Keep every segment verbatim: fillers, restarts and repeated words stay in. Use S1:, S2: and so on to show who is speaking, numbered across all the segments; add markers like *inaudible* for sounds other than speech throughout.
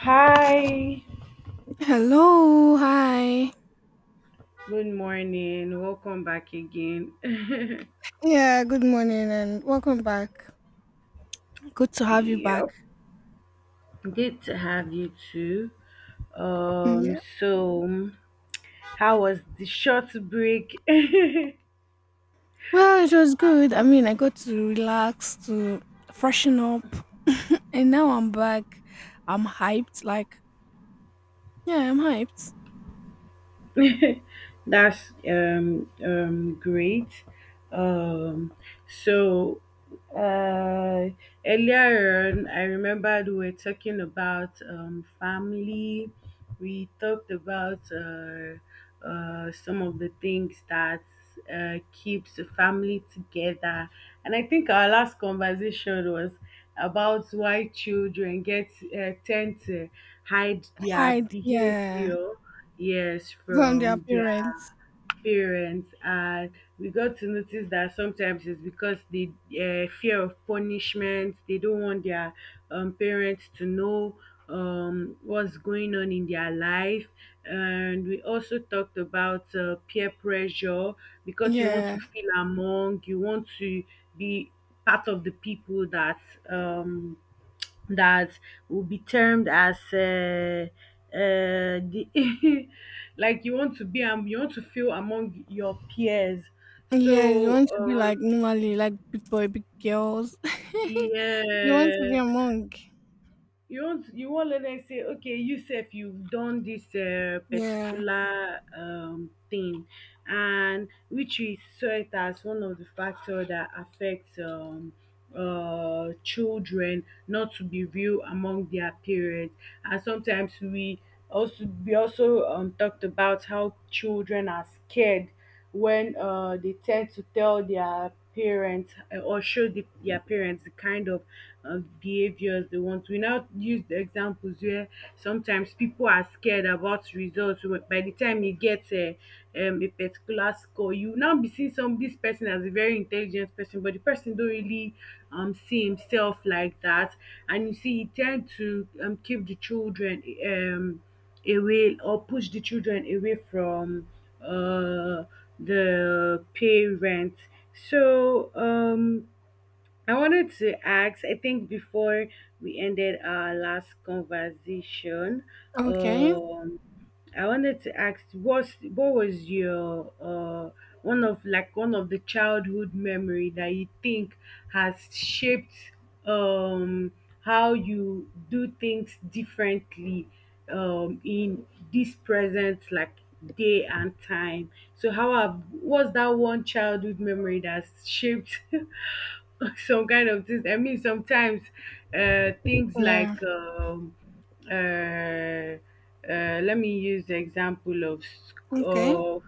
S1: Hi,
S2: Hello, hi.
S1: good morning. Welcome back again. *laughs*
S2: Yeah, good morning and welcome back. Good to have you back.
S1: Yep, good to have you too.
S2: Mm,
S1: Um,
S2: yeah.
S1: so how was the short break?
S2: Well, it was good. I mean, I got to relax, to freshen up, *laughs* and now I'm back. I'm hyped. Like, yeah, I'm hyped.
S1: *laughs* That's um um great. Um, so uh earlier on, I remembered we were talking about um family. We talked about uh uh, some of the things that uh, keeps the family together. And I think our last conversation was about why children get uh, tend to hide their
S2: Hide, yeah,
S1: behavior, yes,
S2: from their
S1: from their
S2: parents.
S1: parents, and we got to notice that sometimes it's because the uh, fear of punishment. They don't want their um, parents to know um, what's going on in their life, and we also talked about uh, peer pressure, because you want
S2: Yeah,
S1: to feel among, you want to be part of the people that um, that will be termed as uh, uh, the *laughs* like you want to be um, you want to feel among your peers.
S2: yeah. You
S1: so
S2: want to be like
S1: um
S2: normally, like big boy, big girls. *laughs* You want to be
S1: yeah,
S2: a monk.
S1: you want, you want, let them say, okay, you sef you've done this uh,
S2: Yeah.
S1: particular um, thing, and which is saw it as one of the factor that affects um, uh, children not to be real among their parents. And sometimes we also we also um, talked about how children are scared when uh, they tend to tell their parents uh, or show the, their parents the kind of uh, behaviors they want. We now use the examples where sometimes people are scared about results. Wh- By the time you get a, um, a particular score, you now be seeing some this person as a very intelligent person, but the person don't really um, see himself like that. And you see, he tend to um, keep the children, Um, away, or push the children away from uh, the parents. So um, I wanted to ask, I think before we ended our last conversation,
S2: Okay.
S1: um, I wanted to ask what's what was your uh one of, like, one of the childhood memory that you think has shaped um how you do things differently um in this present, like, day and time. So how have, what's that one childhood memory that's shaped *laughs* *laughs* some kind of things. I mean, sometimes uh, things
S2: Yeah.
S1: like um, uh, uh, let me use the example of sc-
S2: Okay.
S1: of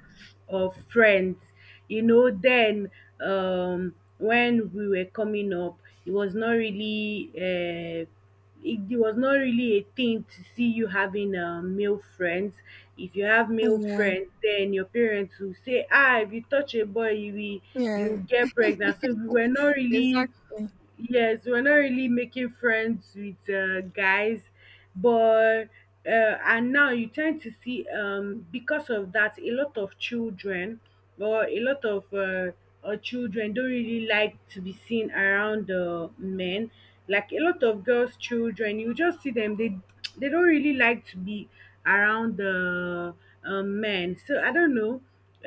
S1: of friends. You know, then um, when we were coming up, it was not really. Uh, it, it was not really a thing to see you having um, male friends. If you have male
S2: Yeah.
S1: friends, then your parents will say, ah, if you touch a boy, you will, you
S2: Yeah,
S1: will get pregnant. So we were not really,
S2: exactly.
S1: yes, we're not really making friends with uh, guys, but uh, and now you tend to see um because of that, a lot of children, or a lot of uh, uh, children don't really like to be seen around uh, men. Like a lot of girls children, you just see them, they they don't really like to be around the uh, men. So I don't know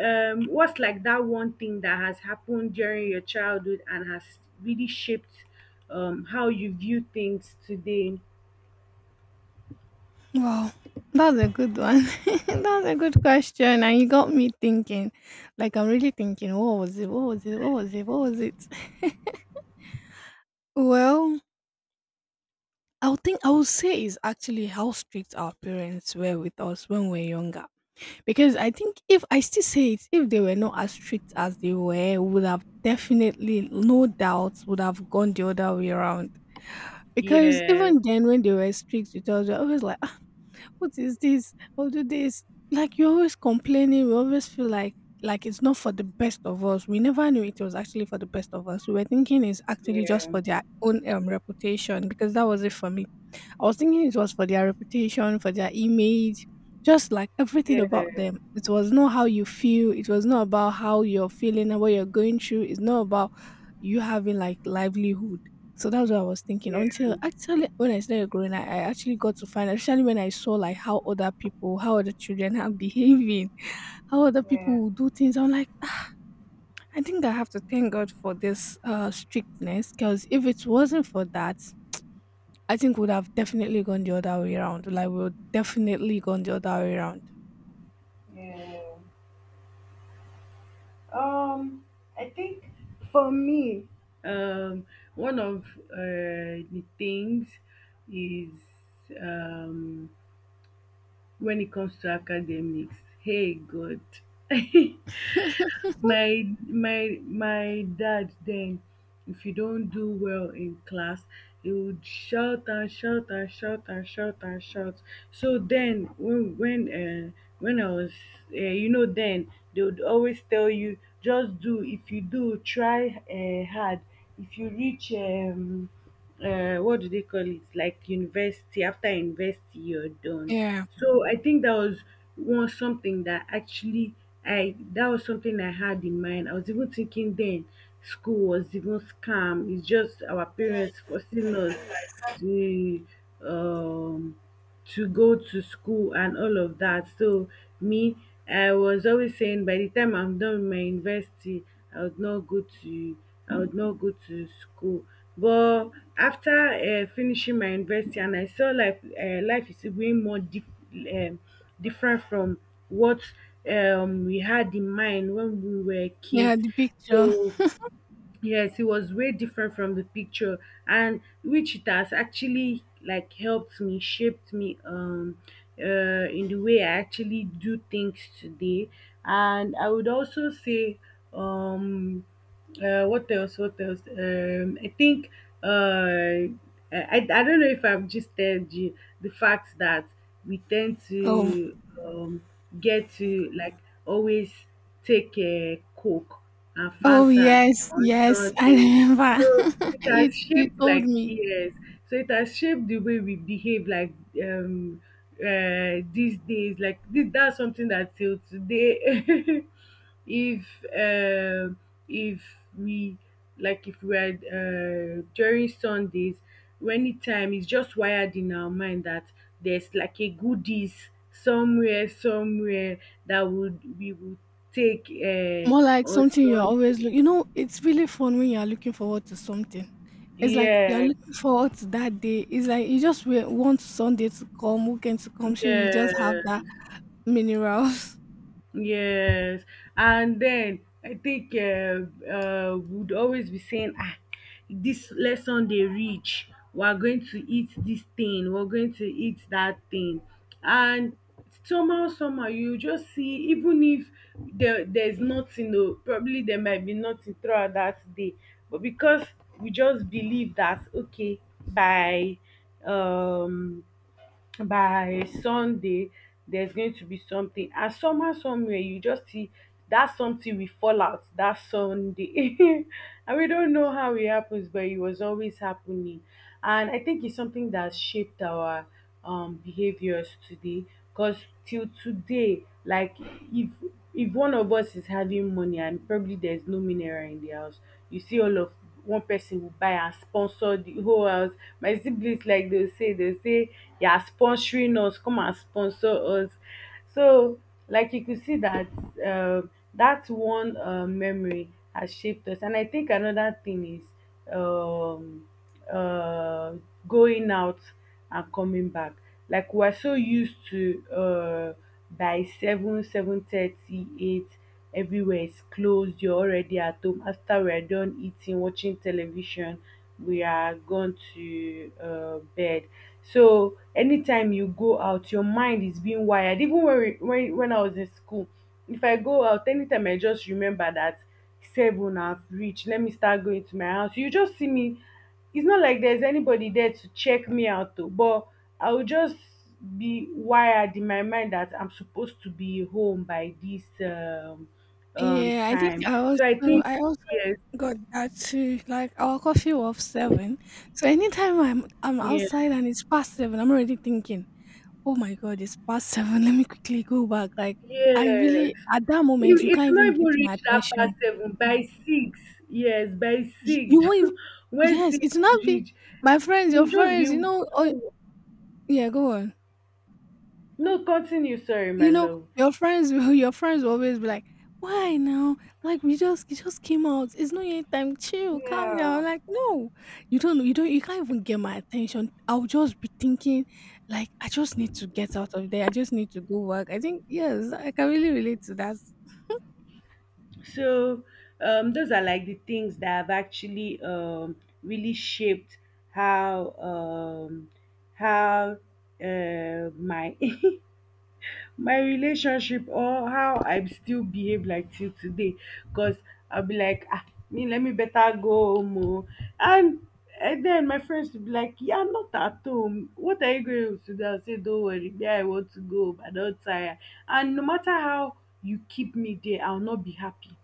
S1: um what's, like, that one thing that has happened during your childhood and has really shaped um how you view things today.
S2: Wow, that's a good one. *laughs* That's a good question, and you got me thinking. Like I'm really thinking, what was it? What was it? What was it? What was it? *laughs* Well, I would think I would say is actually how strict our parents were with us when we were younger. Because I think if I still say it, if they were not as strict as they were, we would have definitely, no doubt, would have gone the other way around. Because
S1: Yes.
S2: even then, when they were strict with us, we we always like, what is this? I'll do this. Like you're always complaining. We always feel like like it's not for the best of us. We never knew it was actually for the best of us. We were thinking it's actually just
S1: Yeah,
S2: for their own um, reputation because that was it for me. I was thinking it was for their reputation, for their image, just like everything about
S1: yeah,
S2: them. It was not how you feel, it was not about how you're feeling and what you're going through. It's not about you having like livelihood. So that's what I was thinking. Until
S1: yeah,
S2: actually when I started growing, I, I actually got to find especially when I saw like how other people, how other children are *laughs* behaving, how other
S1: yeah,
S2: people will do things. I'm like, "Ah, I think I have to thank God for this uh strictness because if it wasn't for that, I think would have definitely gone the other way around. Like we would definitely gone the other way around.
S1: yeah. Um, I think for me, um one of uh, the things is um when it comes to academics, hey god. *laughs* My my my dad then, if you don't do well in class, he would shout and shout and shout and shout and shout. So then when when uh, when I was uh, you know, then they would always tell you, just do, if you do try uh, hard, if you reach um uh, what do they call it, like university, after university you're done.
S2: Yeah.
S1: So I think that was one something that actually I that was something I had in mind. I was even thinking then school was even scam, it's just our parents forcing us to um to go to school and all of that. So me, I was always saying, by the time I'm done with my university, I would not go to, I would not go to school. But after uh, finishing my university, and I saw life, uh, life is being more dif- um, different from what um, we had in mind when we were
S2: Yeah,
S1: kids.
S2: the picture.
S1: So yes, it was way different from the picture, and which it has actually, like, helped me, shaped me, um, uh, in the way I actually do things today. And I would also say, um, uh, what else? What else? Um, I think, uh, I, I don't know if I've just told you the fact that we tend
S2: Oh.
S1: to um get to, like, always take um coke and
S2: Oh
S1: fanta
S2: yes,
S1: on
S2: yes. I
S1: Sunday.
S2: remember.
S1: So it
S2: *laughs* you
S1: has
S2: you
S1: shaped,
S2: told
S1: like,
S2: me.
S1: yes, so it has shaped the way we behave, like um uh these days. Like this, that's something that till today. *laughs* If uh, if we, like, if we are uh, during sundays, anytime, it's just wired in our mind that there's like a goodies somewhere, somewhere that would we would take uh
S2: More like
S1: on
S2: something you're
S1: sunday.
S2: always look, you know, it's really fun when you're looking forward to something. It's like you're
S1: Yes,
S2: looking forward to that day. It's like you just wa- want Sunday to come, weekend to come, so you just have
S1: yes.
S2: that minerals. *laughs*
S1: Yes, and then I think uh, uh, would always be saying, ah, this lesson they reach, we are going to eat this thing, we're going to eat that thing, and somehow, somehow, you just see. Even if there, there's nothing, oh, probably there might be nothing throughout that day, but because we just believe that okay, by um by Sunday, there's going to be something. And somehow, somewhere, you just see that something will fall out that Sunday. *laughs* And we don't know how it happens, but it was always happening. And I think it's something that shaped our um, behaviors today. Because till today, like, if if one of us is having money and probably there's no mineral in the house, you see all of, one person will buy and sponsor the whole house. My siblings, like they say, they say, you are sponsoring us, come and sponsor us. So, like, you could see that um that one uh, memory has shaped us. And I think another thing is um uh, going out and coming back. Like we are so used to uh, by seven, seven thirty, eight, everywhere is closed. You're already at home. After we are done eating, watching television, we are gone to uh, bed. So anytime you go out, your mind is being wired. Even when we, when when I was in school, if I go out, anytime I just remember that seven have reached, let me start going to my house, you just see me. It's not like there's anybody there to check me out, though, but I will just be wired in my mind that I'm supposed to be home by this um, um
S2: Yeah, I think
S1: time.
S2: I
S1: So I
S2: also
S1: think
S2: I also
S1: yes,
S2: got that too. Like our coffee was seven. So anytime I'm I'm
S1: yes,
S2: outside and it's past seven, I'm already thinking, oh my god, it's past seven. Let me quickly go back. Like I
S1: yes,
S2: really at that
S1: it,
S2: moment you
S1: it's
S2: can't
S1: not
S2: even
S1: even
S2: get my
S1: reach that
S2: attention.
S1: past seven, by six, yes, by
S2: You,
S1: six,
S2: you won't even,
S1: *laughs* when
S2: yes,
S1: six
S2: it's not be
S1: reach,
S2: my friends,
S1: you
S2: your
S1: will just be
S2: friends, you know, oh
S1: so,
S2: yeah, go on.
S1: no, continue, sorry my
S2: You know,
S1: love,
S2: your friends will *laughs* your friends will always be like, "Why now? Like we just it just came out. It's not yet time. Chill, calm down." I'm
S1: yeah.
S2: like, "No, you don't. You don't. You can't even get my attention. I'll just be thinking, like, I just need to get out of there. I just need to go work. I think yes, I can really relate to that.
S1: So um, those are like the things that have actually um, really shaped how um, how uh, my *laughs* my relationship, or how I still behave, like, till today. Because I'll be like, ah, me let me better go home, oh." and and then my friends will be like, "Yeah, not at home. What are you going to do?" I say, "Don't worry, yeah, I want to go, but I don't tire." And no matter how you keep me there, I'll not be happy,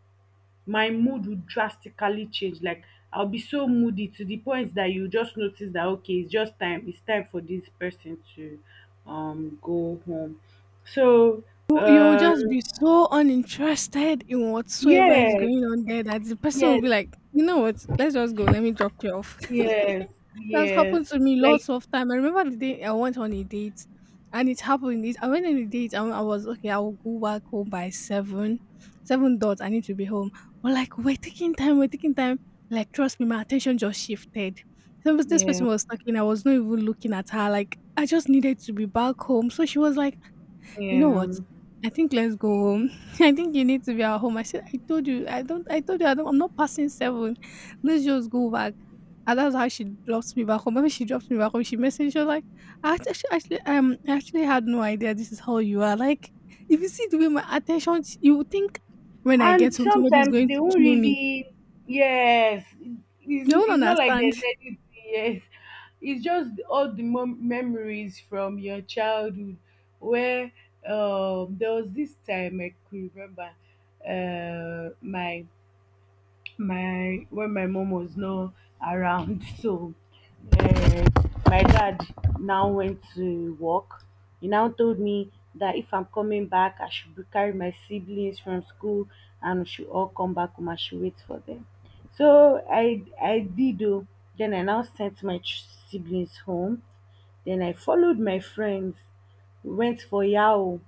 S1: my mood would drastically change. Like I'll be so moody to the point that you just notice that, okay, it's just time. It's time for this person to um go home. So
S2: You you'll just
S1: um
S2: be so uninterested in whatsoever is
S1: yes,
S2: going on there that the person will
S1: yes,
S2: be like, "You know what? Let's just go. Let me drop you off."
S1: yes,
S2: *laughs* That's
S1: yes.
S2: happened to me
S1: Like
S2: lots of time. I remember the day I went on a date, and it happened. It, I went on a date, and I was okay. I will go back home by seven, seven dots. I need to be home. But like we're taking time, we're taking time. Like trust me, my attention just shifted. So this
S1: yeah,
S2: person was talking. I was not even looking at her. Like I just needed to be back home. So she was like, you know
S1: yeah.
S2: what? I think let's go home. *laughs* I think you need to be at home. I said, I told you, I don't, I told you, I don't, I'm not passing seven. Let's just go back. And that's how she drops me back home. When she drops me back home, she messaged her like, I act- actually, actually, um, I actually had no idea this is how you are. Like, if you see the way my attention, you would think when I get
S1: And
S2: home, somebody is
S1: sometimes
S2: going
S1: they
S2: to
S1: won't
S2: kill me.
S1: really, yes,
S2: You
S1: it's,
S2: don't
S1: it's not like
S2: understand.
S1: there's anything, yes. It's just all the mom- memories from your childhood, where um, there was this time I could remember uh, my my, when my mom was not around. *laughs* So uh, my dad now went to work. He now told me that if I'm coming back, I should be- carry my siblings from school and we should all come back home, I should wait for them. So i i did. Oh, then I now sent my ch- siblings home, then I followed my friends, we went for yao.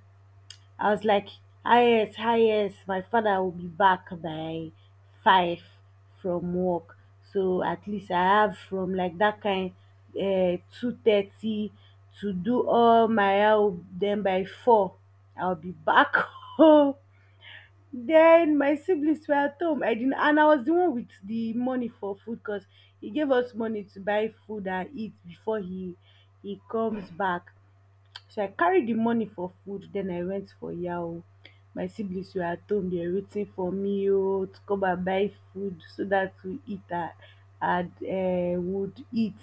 S1: I was like, ah yes, ah yes, my father will be back by five from work. So at least I have from, like, that kind, uh, two thirty, to do all my house. Then by four, I'll be back *laughs* home. Then my siblings were at home. I didn't, and I was the one with the money for food, because he gave us money to buy food and eat before he he comes back. So I carried the money for food. Then I went for yao. My siblings were at home. They were waiting for me, oh, to come and buy food so that we eat and and um would eat,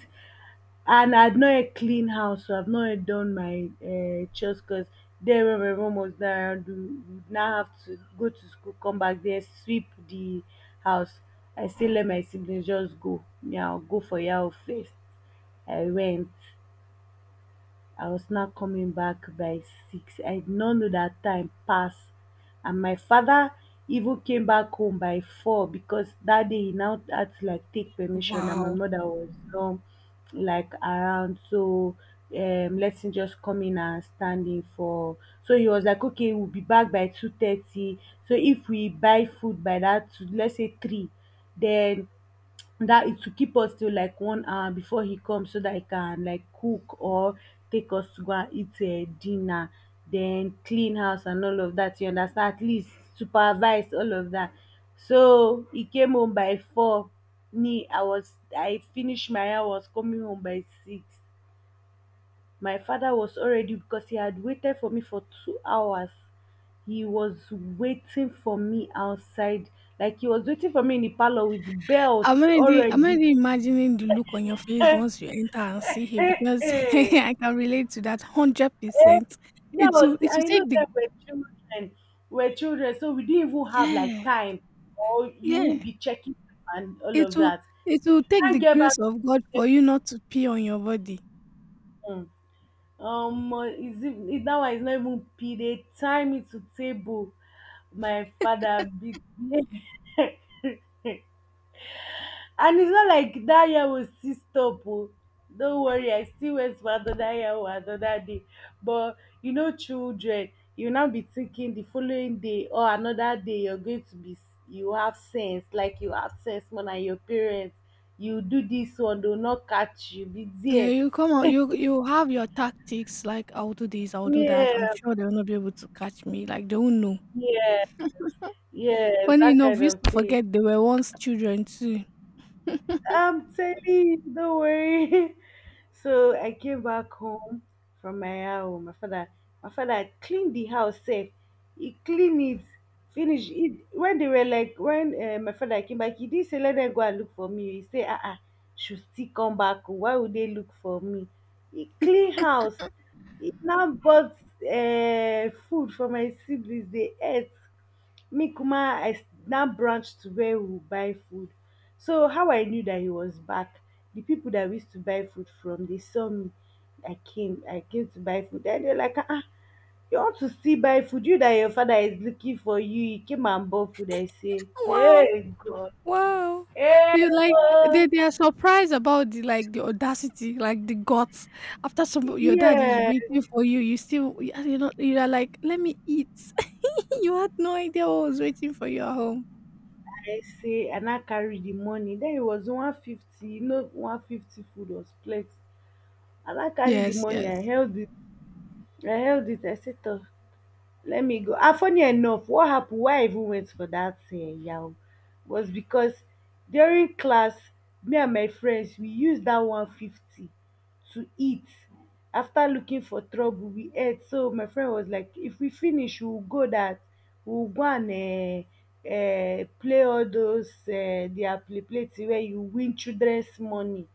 S1: and I had not a clean house, so I've not yet done my um chores, cause there when my mom was not around, we would now have to go to school, come back there, sweep the house. I still let my siblings just go, me I'll go for yao first. I went. I was now coming back by six. I did not know that time passed, and my father even came back home by four, because that day he now had to like take permission, and my mother was not like around. So um let him just come in and stand in for. So he was like, okay, we'll be back by two thirty. So if we buy food by that two, let's say three, then that it will keep us till like one hour before he comes, so that he can like cook or take us to go and eat uh, dinner, then clean house and all of that, you understand, at least supervise all of that. So he came home by four. Me, i was i finished my hour, was coming home by six. My father was already, because he had waited for me for two hours. He was waiting for me outside, like he was waiting for me in the parlor with belt
S2: I'm already I'm
S1: already.
S2: already imagining the look on your face
S1: *laughs*
S2: once you enter and see him
S1: Hey,
S2: because *laughs*
S1: eh.
S2: I can relate to that one hundred percent.
S1: That
S2: It will
S1: was, the-
S2: it will
S1: and know
S2: take the
S1: that we're children, we're children, so we didn't even have like
S2: Yeah,
S1: time, or you
S2: yeah.
S1: won't be checking and all
S2: It
S1: of
S2: will
S1: that.
S2: it will take the
S1: And get back
S2: grace
S1: to
S2: of God
S1: the
S2: for you not to pee on your body.
S1: table. Um, uh, is it, it that one is not even period. Time it to table. My father beat me. *laughs* And it's not like that year will still stop. Oh. Don't worry, I still went for another year or another day. But you know, children, you now be thinking the following day or another day you're going to be, you have sense, like you have sense more than your parents. You do this one, they'll not catch you. Be
S2: Yeah,
S1: there.
S2: you come out, you you have your tactics like I'll do this, I'll do that. I'm
S1: Yeah,
S2: sure they'll not be able to catch me. Like they won't know.
S1: yeah, yeah,
S2: Funny
S1: that
S2: enough,
S1: kind
S2: we used
S1: of
S2: to
S1: thing.
S2: forget they were once children too.
S1: I'm telling you, don't worry. *laughs* So I came back home from my house. My father, my father cleaned the house safe. He cleaned it, finished it. When they were like, when uh, my father came back, he didn't say let them go and look for me. He said, ah, uh-uh, should still come back. Why would they look for me? He clean house. He now bought uh, food for my siblings. They ate. Me kuma i s- now branched to where we would buy food. So how I knew that he was back, the people that we used to buy food from, they saw me. I came i came to buy food and they're like, ah ah, you want to still buy food, you that your father is looking for you. He came and bought food. I say,
S2: Wow.
S1: hey god,
S2: Wow!
S1: hey,
S2: You like they
S1: oh.
S2: they are surprised about the like the audacity, like the guts. After some your dad is
S1: Yeah,
S2: waiting for you, you still you are not you are like, let me eat. *laughs* You had no idea what was waiting for you at home.
S1: I say, and I carry the money. Then it was one fifty, you know, one fifty food was plenty. And I carry the
S2: Yes,
S1: money,
S2: yes.
S1: i held it i held it. I said, "Toh, let me go." And funny enough, what happened, why I even went for that uh, yahoo was because during class, me and my friends, we used that one fifty to eat. After looking for trouble, we ate. So my friend was like, if we finish, we'll go that, we'll go and uh, uh, play all those, uh, their play play till where you win children's money.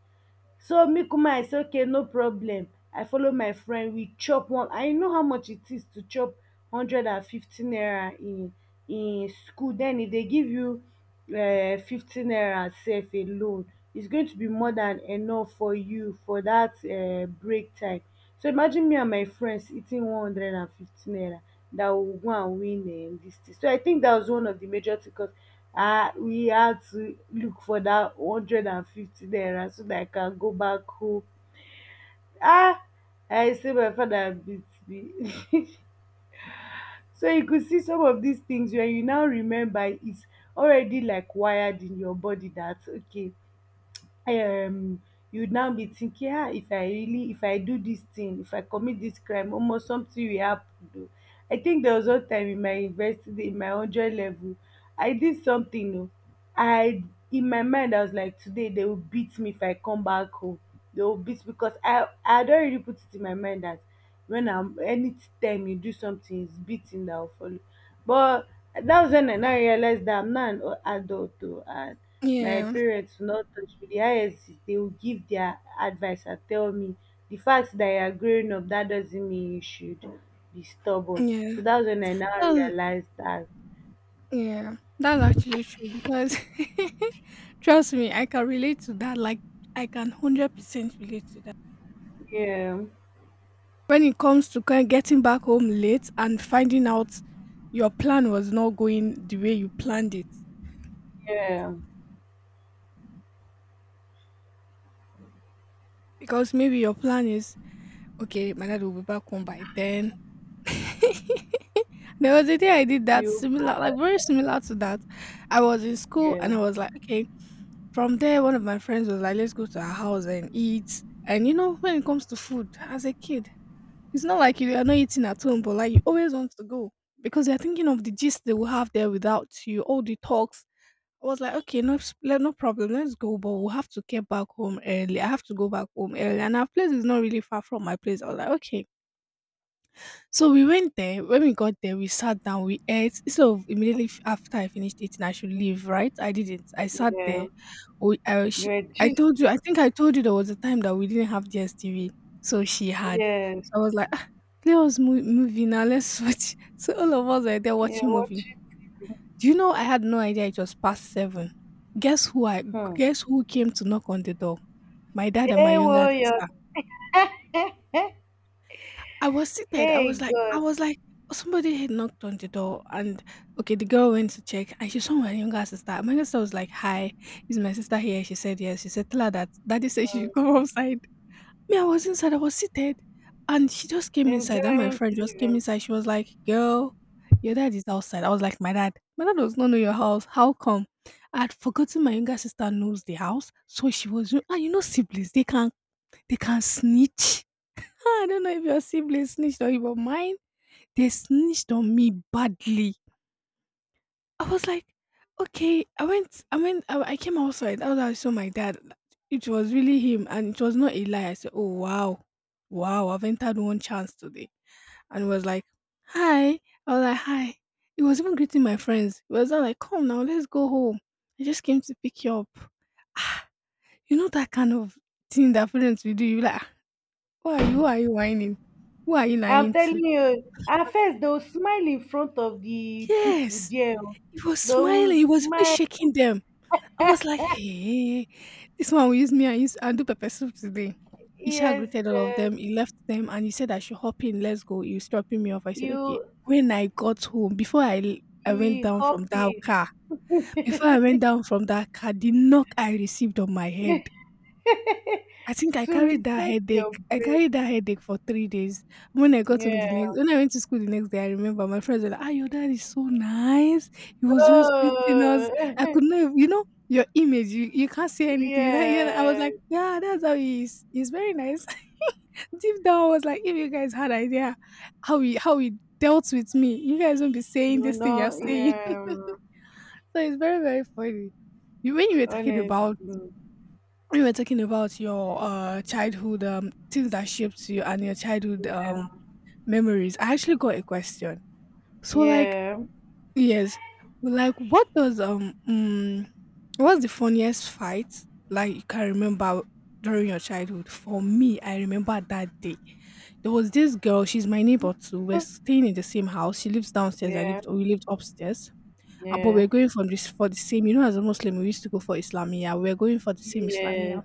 S1: So me kuma I say, okay, no problem, I follow my friend. We chop one, and you know how much it is to chop hundred and fifty naira in in school. Then if they give you um fifty naira sef alone, is going to be more than enough for you for that um break time. So imagine me and my friends eating one hundred and fifty naira, that we will go and win um this thing. So I think that was one of the major thing, cause uh, we had to look for that one hundred fifty naira so that I can go back home. Ah, I say my father beat me. *laughs* So you could see some of these things when you now remember, it's already like wired in your body that okay, um, you'd now be thinking, ah, if I really, if I do this thing, if I commit this crime, almost something will happen. Though. I think there was one time in my university, in my one hundred level, I did something. Oh, I, in my mind I was like, today they will beat me if I come back home. They will beat because I I had already put it in my mind that when I'm anytime you do something, it's beating that will follow. But that was when I now realized that I'm not an o- adult though, and my
S2: Yeah,
S1: parents will not touch me. The highest is they will give their advice and tell me the fact that you are growing up, that doesn't mean you should be stubborn.
S2: yeah.
S1: So that's when I now
S2: That's,
S1: realized that.
S2: yeah, that's actually true because *laughs* trust me, I can relate to that. Like I can hundred percent relate to that.
S1: Yeah,
S2: When it comes to ki- getting back home late and finding out your plan was not going the way you planned it,
S1: yeah,
S2: because maybe your plan is okay, my dad will be back home by ten. *laughs* There was a day I did that
S1: you.
S2: similar, like very similar to that. I was in school and
S1: Yeah,
S2: I was like, okay, from there, one of my friends was like, let's go to her house and eat. And you know, when it comes to food as a kid, it's not like you are not eating at home, but like you always want to go because you're thinking of the gist they will have there without you, all the talks I was like, okay, no, s- le- no problem. Let's go, but we'll have to get back home early. I have to go back home early, and our place is not really far from my place. I was like, okay. So we went there. When we got there, we sat down, we ate. So immediately f- after I finished eating, I should leave, right? I didn't. I sat
S1: yeah.
S2: there. We, I,
S1: You
S2: she,
S1: were
S2: I
S1: just.
S2: told you. I think I told you there was a time that we didn't have D S T V, so she had.
S1: Yes,
S2: So I was like, ah, play us mo- movie now. Let's watch. *laughs* So all of us were there
S1: yeah,
S2: watching movie.
S1: watch it.
S2: Do you know I had no idea it was past seven? Guess who I
S1: Hmm.
S2: Guess who came to knock on the door? My dad and my
S1: Hey
S2: younger
S1: warrior,
S2: sister. I was seated. I was
S1: hey
S2: like, I
S1: God.
S2: was like, somebody had knocked on the door, and okay, the girl went to check, and she saw my younger sister. My younger sister was like, "Hi, is my sister here?" She said yes. She said, "Tell her that daddy said she should
S1: Hmm.
S2: come *laughs* outside." Me, I was inside, I was seated, and she just came inside, and my
S1: Enjoying
S2: friend just
S1: T V.
S2: came inside, she was like, "Girl, your dad is outside." I was like, "My dad? My dad does not know your house, how come?" I had forgotten my younger sister knows the house, so she was and you know siblings, they can they can snitch. Ah, I don't know if your siblings snitched on you, but mine, they snitched on me badly. I was like, okay. I went, I went, I, I came outside. That's how I saw my dad. It was really him, and it was not a lie. I said, oh wow, wow, I've entered one chance today, and he was like, hi. I was like, hi. He was even greeting my friends. He was all like, come now, let's go home. I just came to pick you up. Ah, you know that kind of thing that parents will do. You be like, "Ah, who are you? Who are you whining? Who are you
S1: I'm
S2: lying to?
S1: telling you, at first they'll smile in front of the people
S2: Yes.
S1: there. Oh.
S2: He was
S1: They'll
S2: smiling. He was even
S1: smile.
S2: shaking them. I was like, "Hey, this one will use me and use and do pepper soup today." Isha
S1: Yes,
S2: greeted all of
S1: uh,
S2: them, he left them and he said I should hop in, let's go. He was dropping me off. I said, "Okay."
S1: you
S2: When I got home, before I l I went
S1: you
S2: down
S1: will
S2: from that
S1: happy
S2: car,
S1: *laughs*
S2: before I went down from that car, the knock I received on my head, I think I
S1: to
S2: carried that
S1: reset your
S2: headache. I
S1: brain.
S2: carried that headache for three days. When I got home the next,
S1: Yeah.
S2: when I went to school the next day, I remember my friends were like, "Ah, your dad is so nice. He was just greeting us. I
S1: Oh,
S2: could
S1: *laughs*
S2: not, ev- you know, your image. You, you can't see anything." You're like, yeah, I was
S1: yeah.
S2: like, "Yeah, that's how he is. He's very nice." *laughs* Deep down, I was like, "If you guys had idea how he how he dealt with me, you guys won't be saying
S1: No,
S2: this thing you're
S1: no,
S2: saying." *laughs*
S1: yeah,
S2: So
S1: um,
S2: it's very very funny. You when you were talking
S1: honestly,
S2: about we were talking about your uh, childhood, um, things that shaped you and your childhood
S1: yeah,
S2: um, memories. I actually got a question. So, like,
S1: yeah,
S2: yes, like, what does um, mm, what's the funniest fight like you can remember during your childhood? For me, I remember that day. There was this girl. She's my neighbor too. We're
S1: *laughs*
S2: staying in the same house. She lives downstairs. I
S1: yeah,
S2: lived. We lived upstairs. Uh, but
S1: yeah,
S2: we're
S1: yes,
S2: going from this for the same. You know, as a Muslim, we used to go for Islamia. We're going for the same
S1: yeah,
S2: Islamia,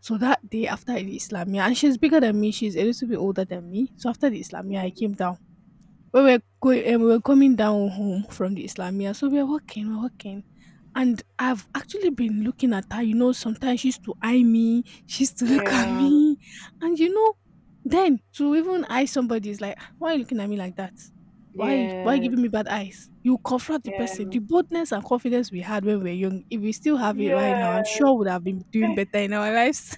S2: so that day after the Islamia, and she's bigger than me, she's a little bit older than me. So after the Islamia, I
S1: yes,
S2: came down. When we were going, um, we were coming down home from the Islamia. So we are walking, we're walking, and I've actually been looking at her. You know, sometimes she used to eye me, she used to *laughs* look at me, and you know, then to even eye somebody is like, "Ah, why are you looking at me like that? Why, why are
S1: yeah,
S2: you
S1: yes,
S2: giving me bad eyes? You confront the person. The boldness and confidence we had when we were young, if we still have it right now, I'm sure would have been doing better in our lives.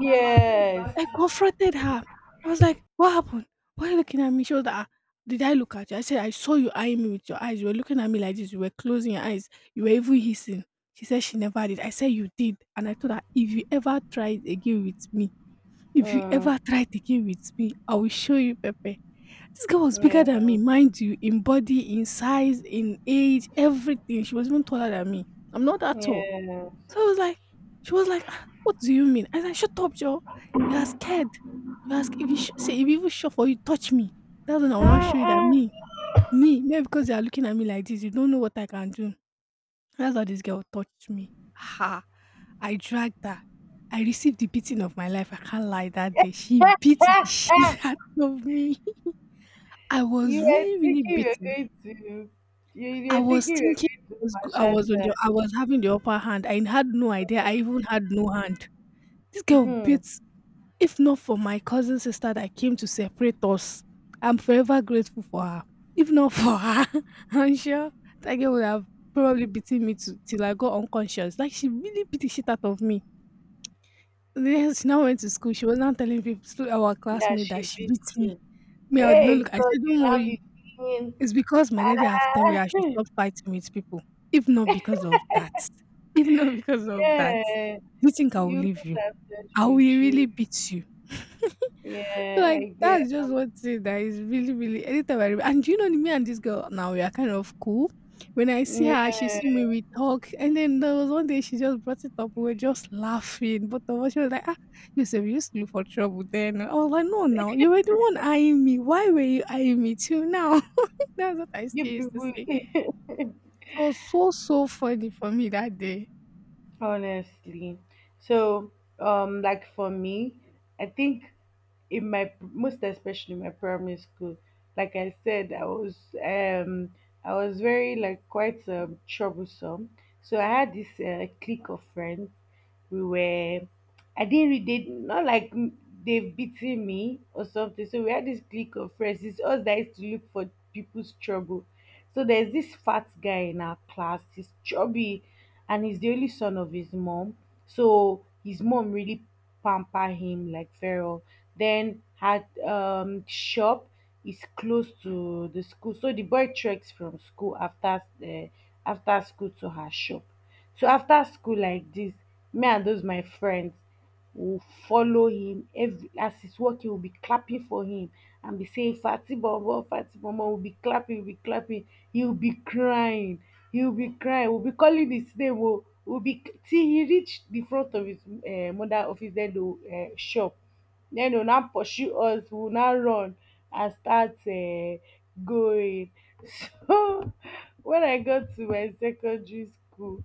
S1: yes,
S2: I confronted her. I was like, "What happened? Why are you looking at me?" She was like, "Ah, did I look at you?" I said, "I saw you eyeing me with your eyes. You were looking at me like this. You were closing your eyes. You were even hissing." She said she never did. I said you did, and I told her if you ever try it again with me, if you
S1: mm,
S2: ever try it again with me, I will show you, Pepe. This girl was bigger than
S1: yeah,
S2: me, mind you, in body, in size, in age, everything. She was even taller than me. I'm not that tall.
S1: yeah.
S2: So I was like, she was like, "Ah, what do you mean?" I was like, "Shut up, Joe. You are scared. You ask if you sh- say if you even shove for you touch me, that's when I will not
S1: Ah,
S2: show you that
S1: ah,
S2: me, me, maybe because you are looking at me like this, you don't know what I can do." That's how this girl touched me. Ha! I dragged her. I received the beating of my life. I can't lie. That day, she
S1: *laughs*
S2: beat the *laughs*
S1: ah, ah.
S2: shit out of me. I
S1: You
S2: was
S1: were
S2: really, really
S1: thinking you were
S2: beaten.
S1: going to, you, you
S2: I
S1: were
S2: was
S1: thinking you
S2: thinking
S1: were going
S2: I
S1: to
S2: was, go- I
S1: massage
S2: was on
S1: her,
S2: the, I was having the upper hand. I had no idea. I even had no hand. This girl
S1: hmm,
S2: beats. If not for my cousin sister that came to separate us, I'm forever grateful for her. If not for her, *laughs* I'm sure that girl would have probably beaten me to, till I got unconscious. Like, she really beat the shit out of me. Yes, she now went to school. She was now telling people, to our
S1: that
S2: classmate,
S1: she
S2: that she
S1: beat
S2: beat me.
S1: you.
S2: Me, I would not
S1: Hey,
S2: look. I
S1: God,
S2: said,
S1: you
S2: don't
S1: now be
S2: worry.
S1: feeling.
S2: It's because my daddy have told me
S1: Ah,
S2: that I should
S1: *laughs*
S2: stop fighting with people. If not because of that. If not *laughs* because of that.
S1: yeah.
S2: Do you think I will
S1: You
S2: leave you?
S1: started
S2: I will
S1: with
S2: really
S1: you.
S2: beat you. So
S1: Yeah,
S2: like,
S1: I get.
S2: that's just one thing that is really, really anytime I remember. And do you know me and this girl now we are kind of cool. When I see her, she
S1: Yeah,
S2: see me, we talk. And then there was one day she just brought it up. We were just laughing, but of us, she was like, ah, you said you used to look for trouble then. I was like, no, now you were the one eyeing me. Why were you eyeing me till now? *laughs* That's what I still
S1: you
S2: used to say.
S1: people. *laughs*
S2: It was so, so funny for me that day.
S1: Honestly, so um, like for me, I think in my most especially my primary school, like I said, I was um, I was very like quite um, troublesome. So I had this uh, clique of friends. We were, I didn't read, they not like m- they've beaten me or something. So we had this clique of friends. It's us that used to look for people's trouble. So there's this fat guy in our class, he's chubby and he's the only son of his mom. So his mom really pamper him like feral. Then her um shop is close to the school. So the boy treks from school after uh, after school to her shop. So after school like dis, me and those my friends, we follow him. Every as he's walking, we be clapping for him and be saying fati bobo fati bobo, we be clapping, we be clapping He will be crying, he will be crying We will be calling his name oo. We will be, till he reach the front of his um mother office, den the um shop. Then they go now pursue us, we will now run and start um going. *laughs* So when I got to my secondary school,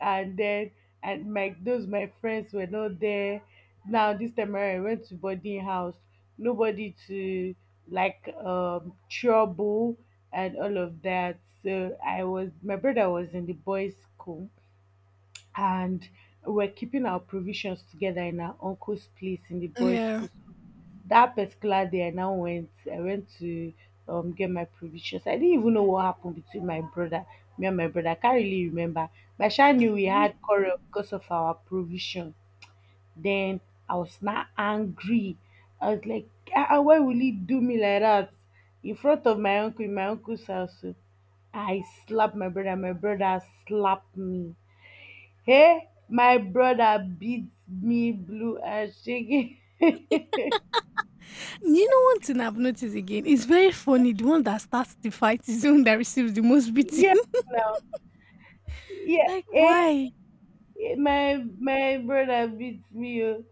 S1: and then and my those my friends were not there. Now this time around, I went to boarding house, nobody to like um trouble and all of that. So I was, my brother was in the boys school, and we are keeping our provisions together in our uncle's place in the boys
S2: Yeah.
S1: school. That particular day I now went, i went to um get my provisions. I didn't even know what happened between my brother me and my brother, I can't really remember, but I sha knew we
S2: Mhm.
S1: had quarrel because of our provision. Then I was now angry, I was like, ah ah, why will he do me like that in front of my uncle, in my uncle's house? So I slapped my brother, my brother slapped me. Hey, my brother beat me blue and shaking. *laughs*
S2: You know one thing I've noticed again? It's very funny. The one that starts the fight is the one that receives the most beating.
S1: Yeah, now. Yeah,
S2: Like
S1: eh,
S2: why?
S1: eh, my my brother beat me, oh.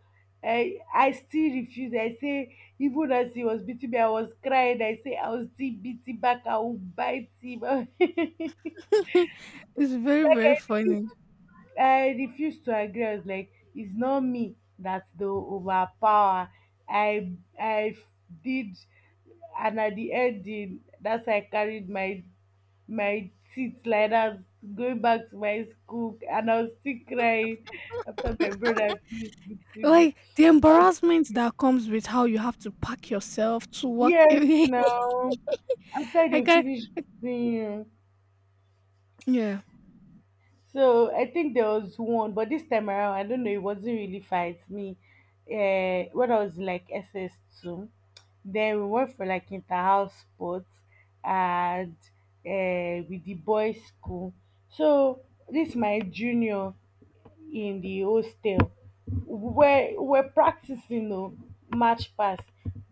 S1: I I still refuse. I say even as he was beating me, I was crying. I say I was still beating back. I will bite him. *laughs* Like
S2: *laughs* It's very very
S1: I refuse
S2: funny.
S1: I refused to agree. I was like, it's not me that they overpower. I I did, and at the end, the- that's why I carried my my teeth like that, going back to my school, and I was still crying after my brother finished beating me.
S2: Like the
S1: I was,
S2: embarrassment that comes with how you have to pack yourself to work *laughs*
S1: yes,
S2: away.
S1: no. After
S2: I
S1: they
S2: can,
S1: finished beating you.
S2: yeah.
S1: So I think there was one, but this time around, I don't know, it wasn't really fight me. Uh, when I was in, like S S two, then we went for like inter-house sports and uh, with the boys' school. So this my junior, in the hostel where we're practicing, oh, match pass.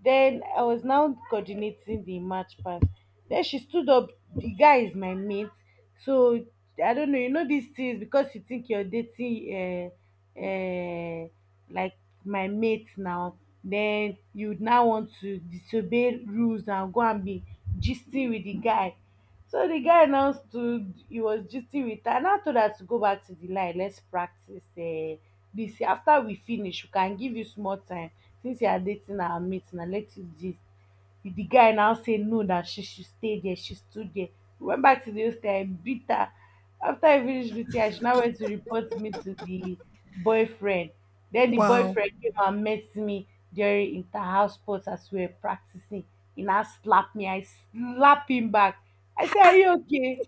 S1: Then I was now coordinating the match pass. Then she stood up. The guy is my mate, so I don't know. You know these things because you think you're dating, uh, uh, like my mate now. Then you would now want to disobey rules and go and be gisting with the guy. So the guy now stood, he was gisting with her. I now told her to go back to the line. Let's practice uh, this. After we finish, we can give you small time since you are dating our mate and let you gist. The guy now say no that she should stay there. She stood there. We went back to the hostel. I beat her. After I finished meeting her, she now went to report me to the boyfriend. Then the
S2: Wow.
S1: boyfriend came and met me during inter-house sports as we were practicing. He now slapped me. I slapped him back. I
S2: Ah,
S1: said, are
S2: ah,
S1: you okay?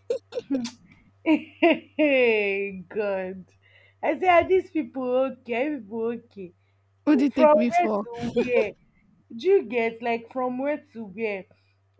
S1: *laughs* Hey, God. I said, are these people okay? Are you people okay?
S2: what did it take
S1: From
S2: me
S1: where
S2: for?
S1: to where? Do you get like From where to where,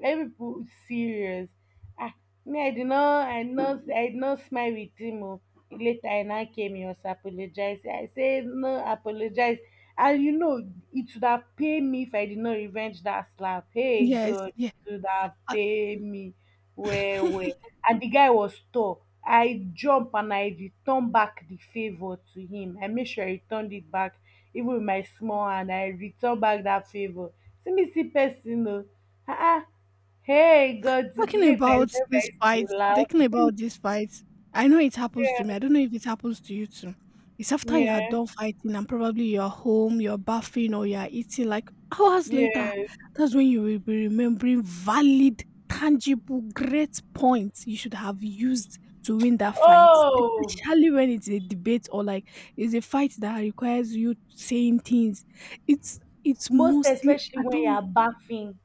S1: let me put serious. Ah, me, i did not i did not I did not smile with him, oh. Later I now came, he was apologize, I say no apologize. And you know, it would have paid me if I did not revenge that slap. Hey
S2: Yes,
S1: god,
S2: yeah.
S1: it would have paid me. Where where? And the guy was tall, I jump and I return back the favour to him. I make sure I returned it back even with my small hand. I return back that favour. See me see person o. Ah ah, hey god,
S2: Talking
S1: today if I
S2: about
S1: remember,
S2: these
S1: I
S2: fights,
S1: to laugh.
S2: talking about these fights, I know it happens to
S1: Yeah,
S2: me. I don't know if it happens to you too. It's after you are
S1: yeah,
S2: done fighting and probably you're home, you're bathing or you're eating like hours later.
S1: yeah.
S2: That's when you will be remembering valid, tangible, great points you should have used to win that fight.
S1: Oh,
S2: Especially when it's a debate or like it's a fight that requires you saying things. It's it's
S1: most
S2: mostly
S1: especially
S2: I
S1: when you
S2: don't
S1: are bathing,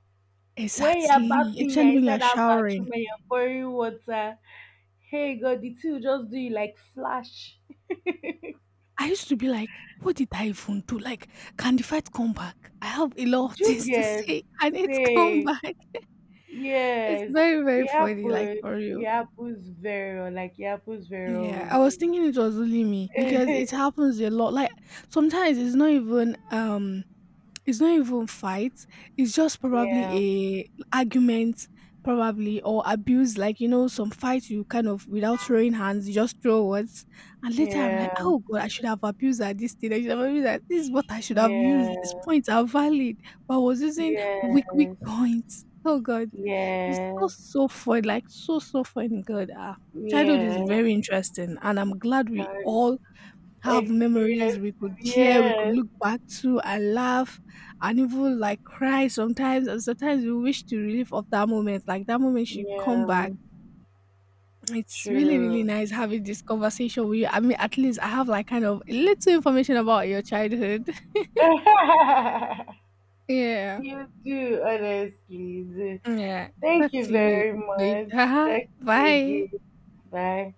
S1: when you are
S2: exactly,
S1: bathing you
S2: especially
S1: are
S2: when you're
S1: inside that bathroom
S2: showering.
S1: and you are pouring water. Hey god, the thing will just do you like flash.
S2: I used to be like, what did I even do? Like, can the fight come back? I have a lot of
S1: Do you
S2: things to
S1: get,
S2: say. *laughs* Can it come
S1: say,
S2: back? It's
S1: yes.
S2: very, very
S1: it
S2: funny, like
S1: happens
S2: for
S1: it
S2: you,
S1: happens very well, like it happens very well
S2: yeah,
S1: with
S2: I was
S1: me.
S2: thinking it was only me because it happens a lot. Like sometimes it's not even um it's not even fight. It's just probably
S1: Yeah,
S2: a argument, probably or abuse. Like you know, some fights you kind of without throwing hands, you just throw words, and later I'm
S1: yeah,
S2: like, oh god, I should have abused at this thing. I should have abused at this is what I should have used. These
S1: yeah,
S2: points are valid, but I was using weak, weak
S1: yes,
S2: points. Oh god, it's so
S1: yes,
S2: so fun. Like so so fun. God, ah, childhood is
S1: yes.
S2: very interesting, and I'm glad we
S1: I
S2: all have memories
S1: experience,
S2: we could share, we could
S1: yes,
S2: look back to and laugh and even like cry sometimes. And sometimes we wish to relive of that moment. Like that moment should come
S1: yeah,
S2: back. It's really, really
S1: true.
S2: nice having this conversation with you. I mean, at least I have like kind of a little information about your childhood. *laughs*
S1: *laughs*
S2: Yeah.
S1: You do, honestly. Do.
S2: Yeah.
S1: Thank
S2: Talk
S1: you
S2: to you
S1: very much.
S2: later.
S1: Talk
S2: *laughs*
S1: to you
S2: Bye.
S1: again. Bye.